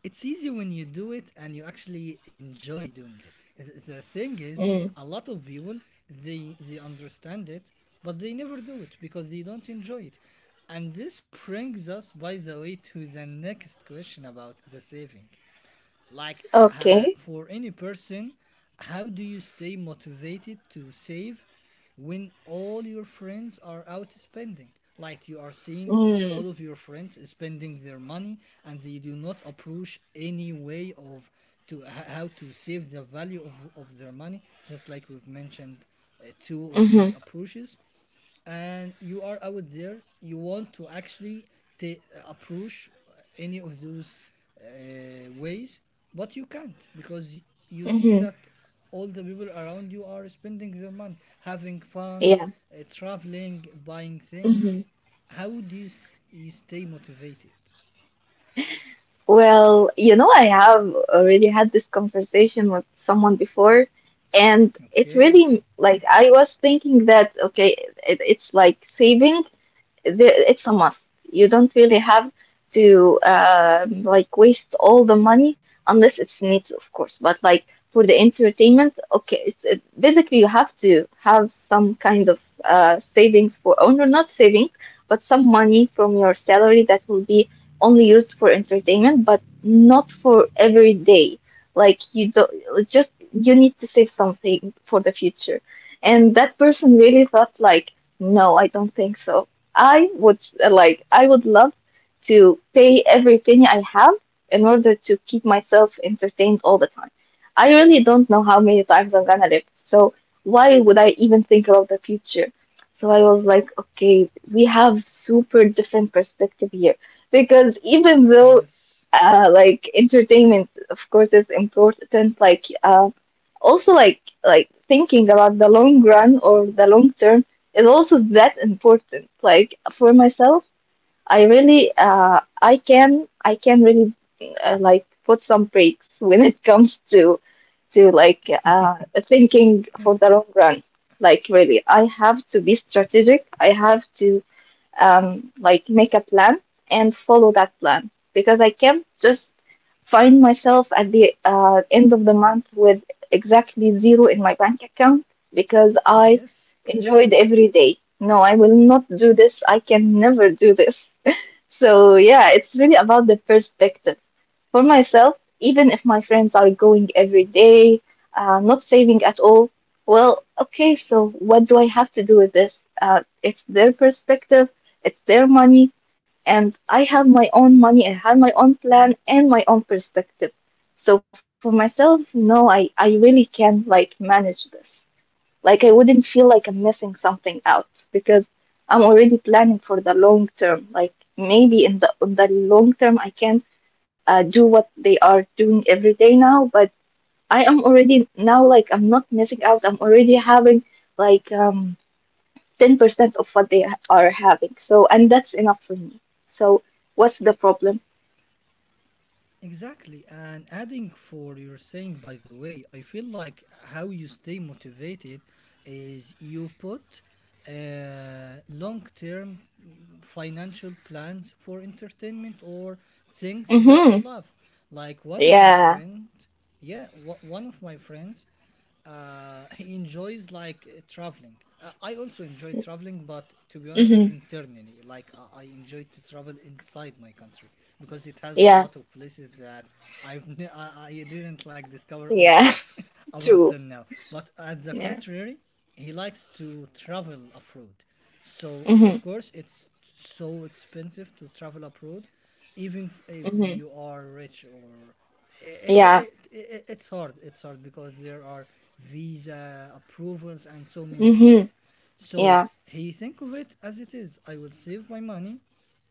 S1: it's easy when you do it and you actually enjoy doing it. The thing is,
S2: Mm.
S1: a lot of people, they understand it but they never do it because they don't enjoy it. And this brings us, by the way, to the next question about the saving. Like
S2: Okay.
S1: for any person, how do you stay motivated to save when all your friends are out spending? Like you are seeing
S2: Mm.
S1: all of your friends spending their money, and they do not approach any way of to how to save the value of their money, just like we've mentioned two of
S2: Mm-hmm.
S1: those approaches, and you are out there, you want to actually approach any of those ways, but you can't because you see
S2: Mm-hmm.
S1: that all the people around you are spending their money, having fun,
S2: Yeah.
S1: traveling, buying
S2: Mm-hmm.
S1: things. How do you, you stay motivated?
S2: Well, you know, I have already had this conversation with someone before, and it
S1: Okay.
S2: really like I was thinking that okay, it's like saving there, it's a must. You don't really have to like waste all the money unless it's needs, of course. But like for the entertainment, okay, basically you have to have some kind of savings for, or no, not savings, but some money from your salary that will be only used for entertainment, but not for every day. Like you don't just you need to save something for the future. And that person really thought like, no, I don't think so. I would I would love to pay everything I have in order to keep myself entertained all the time. I really don't know how many times I'm gonna live, so why would I even think about the future? So I was like, okay, we have super different perspective here because even though
S1: Yes.
S2: like entertainment of course is important, also like thinking about the long run or the long term is also that important. Like for myself, I really, I can really like put some breaks when it comes to like thinking for the long run. Like really, I have to be strategic. I have to like make a plan and follow that plan because I can't just find myself at the end of the month with exactly zero in my bank account because I
S1: Yes.
S2: enjoyed every day. No, I will not do this. I can never do this. So, yeah, it's really about the perspective. For myself, even if my friends are going every day, not saving at all, well, okay, so what do I have to do with this? It's their perspective, it's their money, and I have my own money, I have my own plan and my own perspective. So for myself, no, I really can like manage this. Like I wouldn't feel like I'm missing something out because I'm already planning for the long term. Like maybe in the long term I can do what they are doing every day now, but I am already now like I'm not missing out. I'm already having like um 10% of what they are having. So and that's enough for me. So what's the problem?
S1: Exactly. And adding for your saying, by the way, I feel like how you stay motivated is you put long term financial plans for entertainment or things that you
S2: Mm-hmm.
S1: love. Like one of my
S2: Yeah.
S1: friend, yeah, one of my friends he enjoys like traveling. I also enjoy traveling, but to be honest,
S2: Mm-hmm.
S1: internally, like I enjoy to travel inside my country because it has a
S2: Yeah.
S1: lot of places that I didn't like discover all of
S2: Yeah.
S1: it up
S2: True.
S1: until now. But at the
S2: Yeah.
S1: contrary, he likes to travel abroad. So
S2: Mm-hmm.
S1: of course, it's so expensive to travel abroad, even if
S2: Mm-hmm.
S1: you are rich or
S2: Yeah.
S1: it's hard, it's hard because there are visa approvals and so many
S2: Mm-hmm.
S1: things. So
S2: Yeah.
S1: he think of it as it is, I will save my money,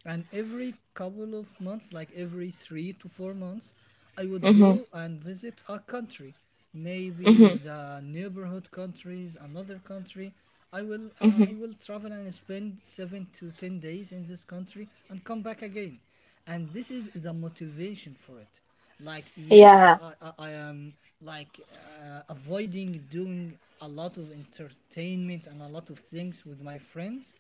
S1: and every couple of months, like every 3 to 4 months, I would
S2: Mhm.
S1: go and visit a country, maybe
S2: Mhm.
S1: the neighborhood countries, another country. I will I
S2: Mhm.
S1: will travel and spend 7 to 10 days in this country and come back again, and this is the motivation for it. Like yes, i
S2: Yeah.
S1: i, I I am like avoiding doing a lot of entertainment and a lot of things with my friends,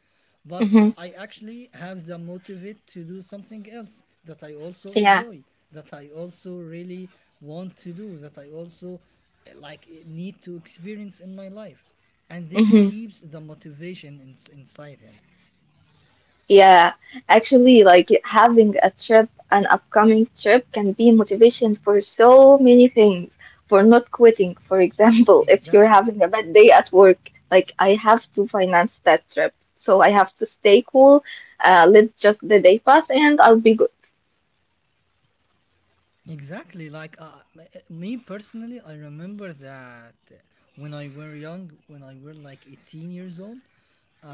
S1: but
S2: Mhm.
S1: I actually have the motivate to do something else that I also
S2: Yeah.
S1: enjoy, that I also really want to do, that I also like need to experience in my life, and this
S2: Mhm.
S1: keeps the motivation inside him.
S2: Yeah. Actually, like having a trip, an upcoming trip, can be motivation for so many things. For not quitting, for example, if
S1: Exactly.
S2: you're having a bad day at work, like I have to finance that trip, so I have to stay cool. Let just the day pass, and I'll be good.
S1: Exactly. Like me personally, I remember that when I were young, when I were like 18 years old,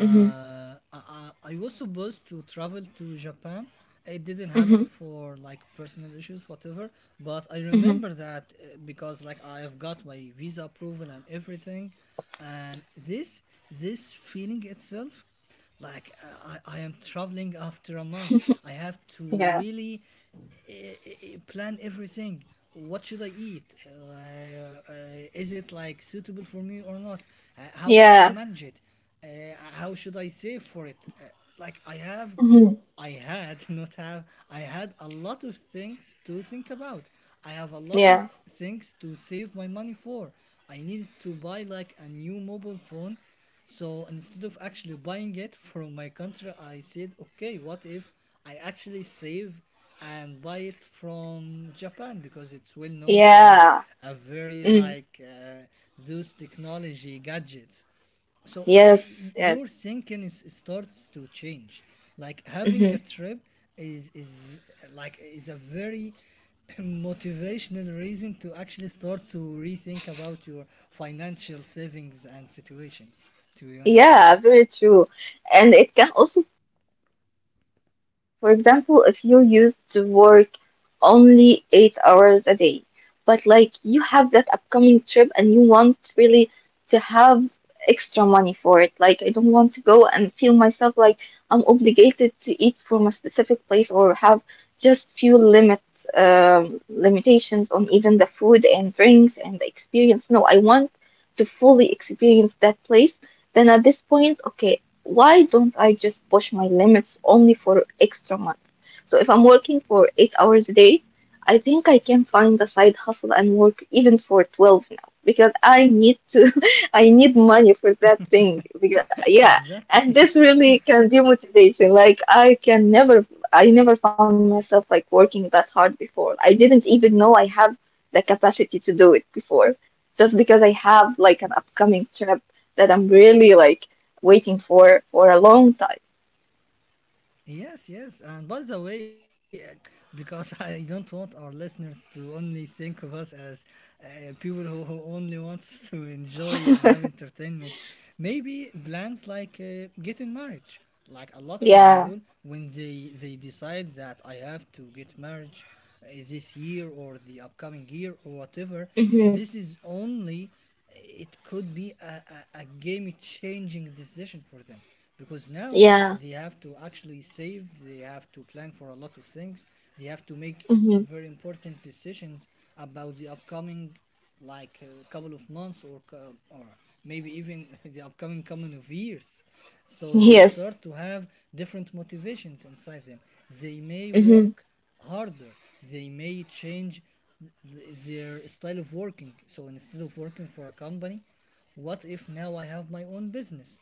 S2: Mhm.
S1: I, I I was supposed to travel to Japan. It didn't happen
S2: Mhm.
S1: for like personal issues, whatever. But I
S2: Mhm.
S1: remember that because like I have got my visa approval and everything, and this feeling itself. Like uh, I am traveling after a month. I have to
S2: Yeah.
S1: really plan everything. What should I eat? Is it like suitable for me or not? How can I
S2: Yeah.
S1: manage it? How should I save for it? Like I have
S2: Mhm.
S1: I had not have I had a lot of things to think about. I have a lot of
S2: Yeah.
S1: things to save my money for. I needed to buy like a new mobile phone. So instead of actually buying it from my country, I said, okay, what if I actually save and buy it from Japan, because it's well known to have
S2: Yeah.
S1: a very
S2: Mm.
S1: like those technology gadgets. So
S2: Yes. Yes.
S1: your thinking is starts to change, like having a
S2: Mm-hmm.
S1: trip is a very motivational reason to actually start to rethink about your financial savings and situations, to be honest.
S2: Yeah, very true. And it can also, for example, if you used to work only 8 hours a day, but like you have that upcoming trip and you want really to have extra money for it. Like, I don't want to go and feel myself like I'm obligated to eat from a specific place or have just few limit limitations on even the food and drinks and the experience. No, I want to fully experience that place, then at this point, okay, why don't I just push my limits only for extra money? So if I'm working for 8 hours a day, I think I can find a side hustle and work even for 12 now because I need to, I need money for that thing. Because, yeah, and
S1: Exactly.
S2: this really can be motivation. I never found myself like working that hard before. I didn't even know I have the capacity to do it before just because I have like an upcoming trip that I'm really like waiting for a long time.
S1: Yes, yes. And by the way, because I don't want our listeners to only think of us as people who only wants to enjoy and have entertainment, maybe plans like getting marriage. Like a lot of
S2: Yeah.
S1: people, when they decide that I have to get marriage this year or the upcoming year or whatever,
S2: Mm-hmm.
S1: this is only it could be a game changing decision for them because now
S2: Yeah.
S1: they have to actually save, they have to plan for a lot of things, they have to make
S2: Mm-hmm.
S1: very important decisions about the upcoming like a couple of months, or or maybe even the upcoming couple of years. So they
S2: Yes.
S1: start to have different motivations inside them. They may
S2: Mm-hmm.
S1: work harder, they may change their style of working. So instead of working for a company, what if now I have my own business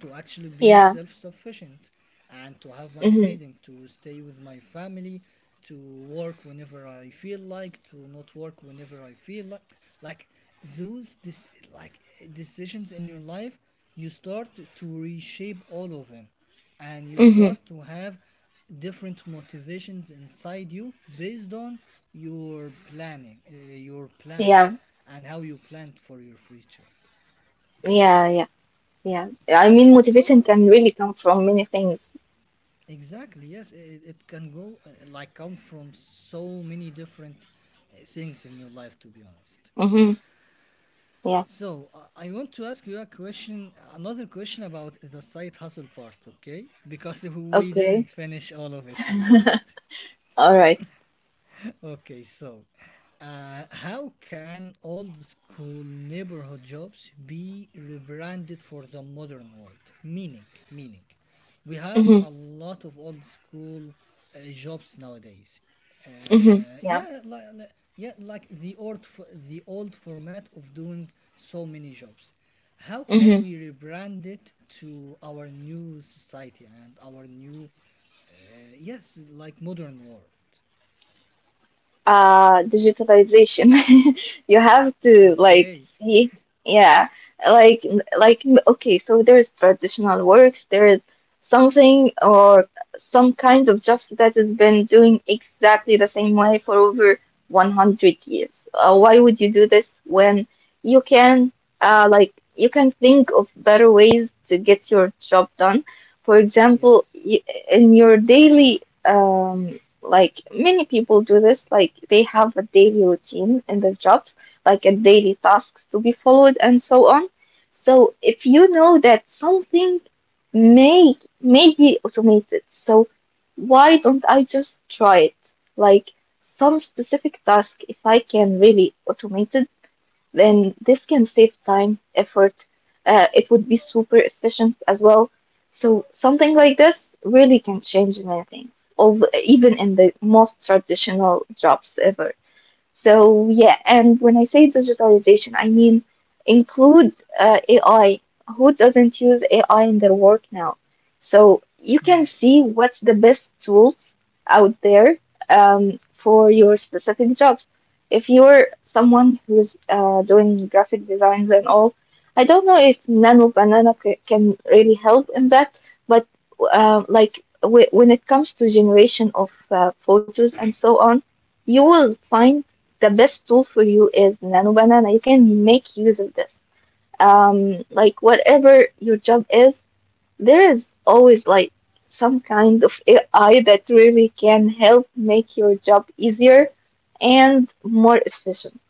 S1: to actually be
S2: Yeah.
S1: self sufficient and to have my
S2: Mm-hmm.
S1: freedom to stay with my family, to work whenever I feel like, to not work whenever I feel like. Like those decisions in your life, you start to reshape all of them and you
S2: Mm-hmm.
S1: start to have different motivations inside you based on your planning uh, your
S2: Yeah.
S1: plans and how you planned for your future.
S2: Yeah. Yeah. Yeah. I mean, motivation
S1: So
S2: can really come from many things.
S1: exactly, yes, it can go like come from so many different things in your life, to be honest.
S2: Mm-hmm. Yeah.
S1: So I want to ask you a question another question about the side hustle part, okay, because we didn't
S2: Okay.
S1: finish all of it, to be honest.
S2: All right.
S1: Okay, so how can old school neighborhood jobs be rebranded for the modern world? Meaning, we have
S2: Mm-hmm.
S1: a lot of old school jobs nowadays.
S2: Mm-hmm.
S1: Uh,
S2: Yeah.
S1: yeah, like, yeah, like the old format of doing so many jobs. How can
S2: Mm-hmm.
S1: we rebrand it to our new society and our new, yes, like modern world?
S2: Digitalization. You have to like
S1: Okay.
S2: see, yeah, like like, okay, so there's traditional works, there is something or some kind of jobs that has been doing exactly the same way for over 100 years. Why would you do this when you can like you can think of better ways to get your job done, for example
S1: Yes.
S2: in your daily like many people do this, like they have a daily routine in their jobs, like a daily tasks to be followed and so on. So if you know that something may be automated, so why don't I just try it? Like some specific task, if I can really automate it, then this can save time, effort. It would be super efficient as well. So something like this really can change many things, even in the most traditional jobs ever. So yeah, and when I say digitalization, I mean include AI. Who doesn't use AI in their work now? So you can
S1: Mm.
S2: see what's the best tools out there for your specific jobs. If you're someone who's doing graphic designs and all, I don't know if Nano Banana c can really help in that, but like w when it comes to generation of photos and so on, you will find the best tool for you is Nano Banana. You can make use of this. Like whatever your job is, there is always like some kind of AI that really can help make your job easier
S1: Yes.
S2: and more efficient.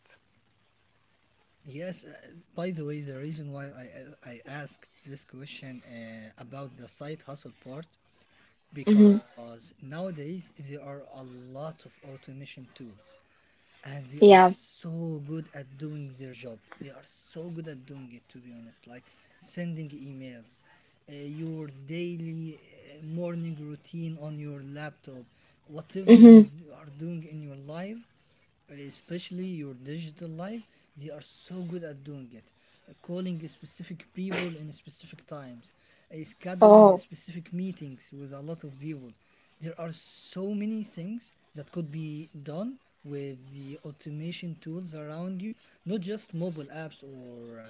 S1: Yes. By the way, the reason why I asked this question about the side hustle part,
S2: Mm-hmm.
S1: because nowadays there are a lot of automation tools, and they are
S2: Yeah.
S1: so good at doing their job. They are so good at doing it, to be honest, like sending emails, your daily morning routine on your laptop, whatever you
S2: Mm-hmm.
S1: d- are doing in your life, especially your digital life. They are so good at doing it. Calling specific people in specific times, scheduling
S2: Oh.
S1: specific meetings with a lot of people. There are so many things that could be done with the automation tools around you, not just mobile apps or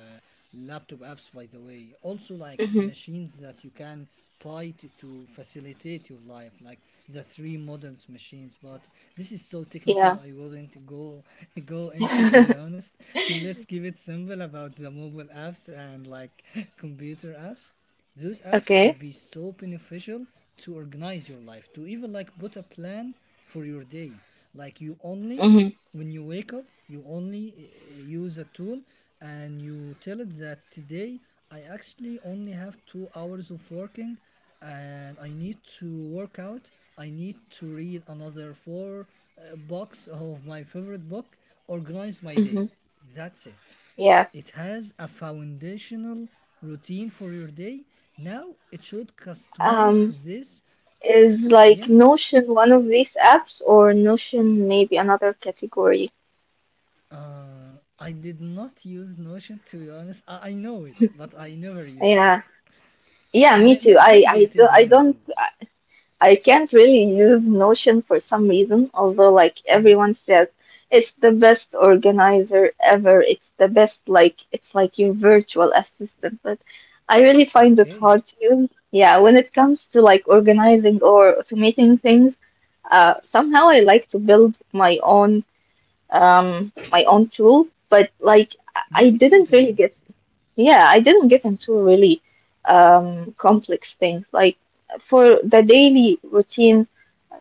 S1: laptop apps, by the way, also like
S2: Mm-hmm.
S1: machines that you can buy to facilitate your life, like the three models machines. But this is so
S2: Yeah.
S1: technical, I wouldn't go go into, to be honest. Let's keep it simple about the mobile apps and like computer apps. Those apps could
S2: Okay.
S1: be so beneficial to organize your life, to even like put a plan for your day. Like you
S2: Hmm.
S1: only, when you wake up, you only use a tool and you tell it that today I actually only have 2 hours of working and I need to work out. I need to read another four books of my favorite book, organize my
S2: Mm-hmm.
S1: day. That's it.
S2: Yeah.
S1: It has a foundational routine for your day. Now it should customize
S2: Um,
S1: this.
S2: is like
S1: Yeah.
S2: Notion one of these apps or Notion maybe another category?
S1: I did not use Notion, to be honest. I know it, but I never used
S2: Yeah.
S1: it.
S2: Yeah, me
S1: May-
S2: too.
S1: may-
S2: I I
S1: maybe it
S2: do,
S1: is
S2: I
S1: one of
S2: don't
S1: those.
S2: I I can't really use Notion for some reason, although like
S1: Hmm.
S2: everyone says it's the best organizer ever. It's the best like it's like your virtual assistant, but I really find it
S1: Okay.
S2: hard to use. Yeah, when it comes to like organizing or automating things, uh, somehow I like to build my own tool, but like I
S1: Me too,
S2: didn't
S1: to be
S2: really get,
S1: honest.
S2: yeah, I didn't get into really complex things. Like for the daily routine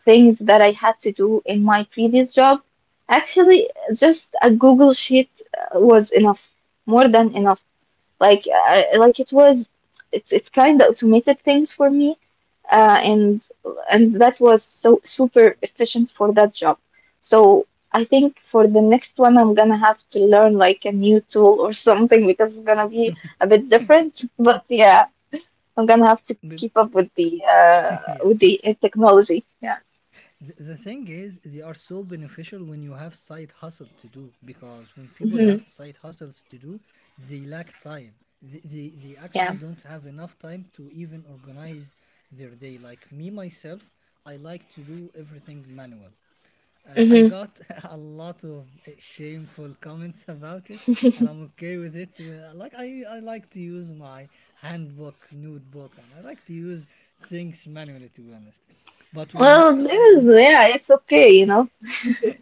S2: things that I had to do in my previous job, actually, just a Google sheet was enough, more than enough. Like it's kind of automated things for me and and that was so super efficient for that job. So I think for the next one, I'm gonna have to learn like a new tool or something because it's gonna be a bit different. But yeah, I'm gonna have to keep
S1: Be-
S2: up with
S1: yes.
S2: the technology. Yeah.
S1: The thing is, they are so beneficial when you have side hustle to do, because when people have
S2: Hmm.
S1: side hustles to do, they lack time. They actually
S2: Yeah.
S1: don't have enough time to even organize their day. Like me, myself, I like to do everything manual. I
S2: Hmm.
S1: got a lot of shameful comments about it, and I'm okay with it. Like I like to use my handbook, notebook, and I like to use things manually, to be honest. But when
S2: Well,
S1: I
S2: there's
S1: un-
S2: yeah, it's okay, you know.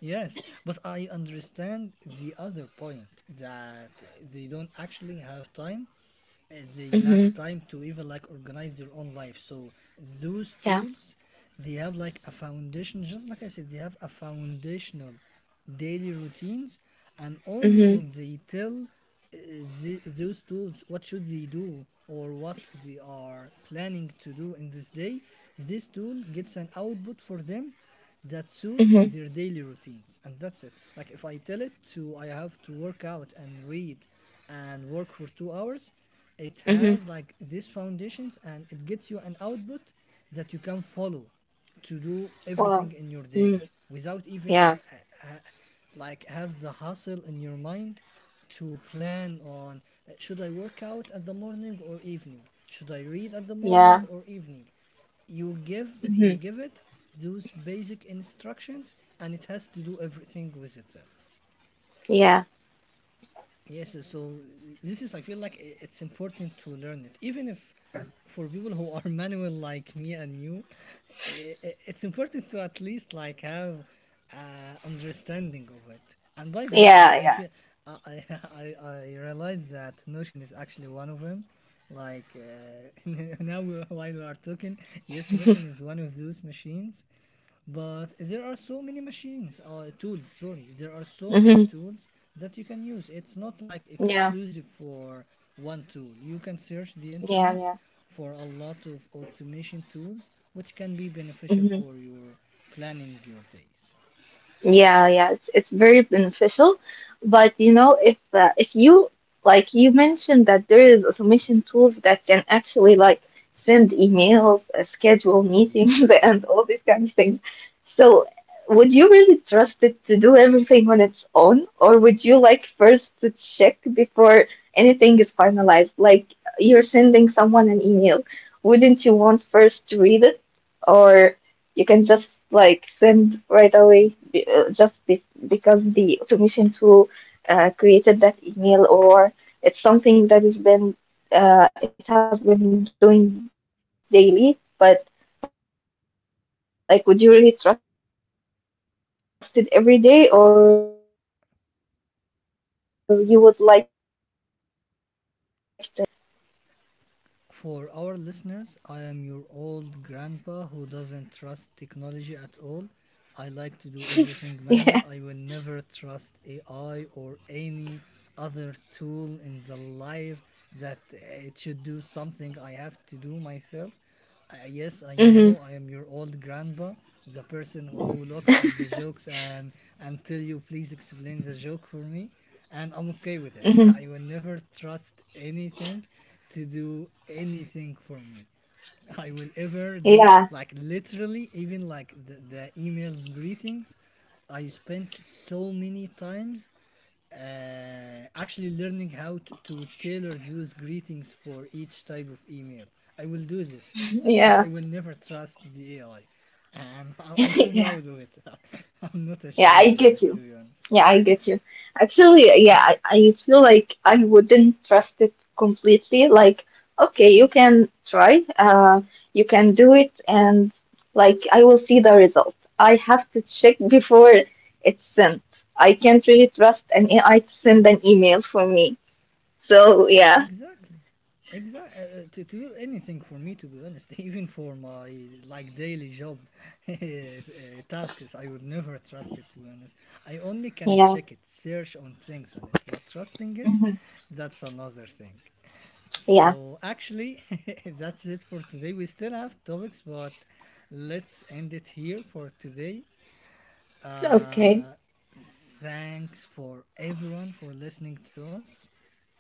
S1: Yes, but I understand the other point that they don't actually have time. They lack
S2: Hmm.
S1: time to even like organize their own life. So those
S2: Yeah.
S1: tools, they have like a foundation. Just like I said, they have a foundational daily routines, and only
S2: Hmm.
S1: when they tell those tools what should they do, or what they are planning to do in this day, this tool gets an output for them that suits
S2: Hmm.
S1: their daily routines. And that's it. Like if I tell it to, I have to work out and read and work for 2 hours, it
S2: Hmm.
S1: has like these foundations, and it gets you an output that you can follow to do
S2: Wow.
S1: everything in your day
S2: Mm,
S1: without even
S2: yeah.
S1: uh, uh, like have the hustle in your mind to plan on, should I work out at the morning or evening, should I read at the morning
S2: Yeah.
S1: or evening? You give you
S2: Hmm.
S1: give it those basic instructions and it has to do everything with itself.
S2: Yeah.
S1: Yes, so this is, I feel like it's important to learn it. Even if for people who are manual like me and you, it's important to at least like have understanding of it. And by the way,
S2: Yeah.
S1: I
S2: Yeah.
S1: feel I, I, I realized that Notion is actually one of them. Like now, while we are talking, yes, Notion is one of those machines. But there are so many machines tools sorry there are so many
S2: hmm
S1: tools that you can use. It's not like
S2: Yeah.
S1: exclusive for one tool. You can search the
S2: Yeah.
S1: internet
S2: Yeah.
S1: for a lot of automation tools which can be beneficial
S2: Mhm.
S1: for your planning your days.
S2: Yeah, yeah, it's very beneficial, but you know, if if you like you mentioned that there is automation tools that can actually like send emails, schedule meetings,
S1: Yes,
S2: and all these kind of things. So, would you really trust it to do everything on its own, or would you like first to check before anything is finalized? Like you're sending someone an email, wouldn't you want first to read it, or? You can just like send right away just be, because the automation tool created that email or it's something that has been it has been doing daily, but like would you really trust it every day or you would like to like have a final look before everything is like sent?
S1: for our listeners, I am your old grandpa who doesn't trust technology at all. I like to do
S2: Yeah.
S1: everything manual. I will never trust AI or any other tool in the life that it should do something I have to do myself.
S2: Mm-hmm.
S1: Yes, I know I am your old grandpa, the person who looks at the jokes and tell you please explain the joke for me, and I'm okay with
S2: Mm-hmm.
S1: it. I will never trust anything to do anything for me. I will ever do. Like literally, even like the emails greetings, I spent so many times actually learning how to tailor those greetings for each type of email. I will do this, but
S2: Yeah.
S1: I will never trust the AI. And I'm so
S2: Yeah.
S1: proud of it. I'm not
S2: Yeah, I
S1: ashamed of
S2: get
S1: it, to
S2: you.
S1: be honest.
S2: Yeah, I get you. Actually, yeah, I feel like I wouldn't trust it completely. Like, okay, you can try, you can do it, and like, I will see the result. I have to check before it's sent. I can't really trust an AI to send an email for me. So, yeah.
S1: Exactly. Exactly. To do anything for me, to be honest, even for my like daily job uh, tasks, I would never trust it. To be honest, I only can
S2: Yeah.
S1: check it, search on things on it, but trusting it,
S2: Mhm.
S1: that's another thing.
S2: Yeah,
S1: So actually, that's it for today. We still have topics, but let's end it here for today.
S2: okay.
S1: Uh, thanks for everyone for listening to us,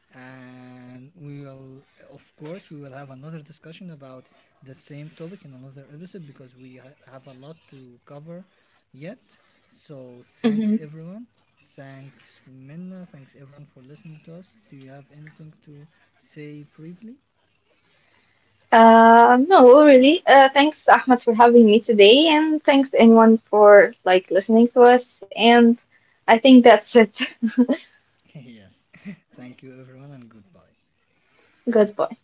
S1: and we will, of course, we will have another discussion about the same topic in another episode, because we have a lot to cover yet. So thanks everyone. Thanks Minna, thanks everyone for listening to us. Do you have anything to say briefly?
S2: No, well, really. Thanks, Ahmed, for having me today, and thanks anyone for like listening to us. And I think that's it.
S1: Yes. Thank you everyone and goodbye.
S2: Goodbye.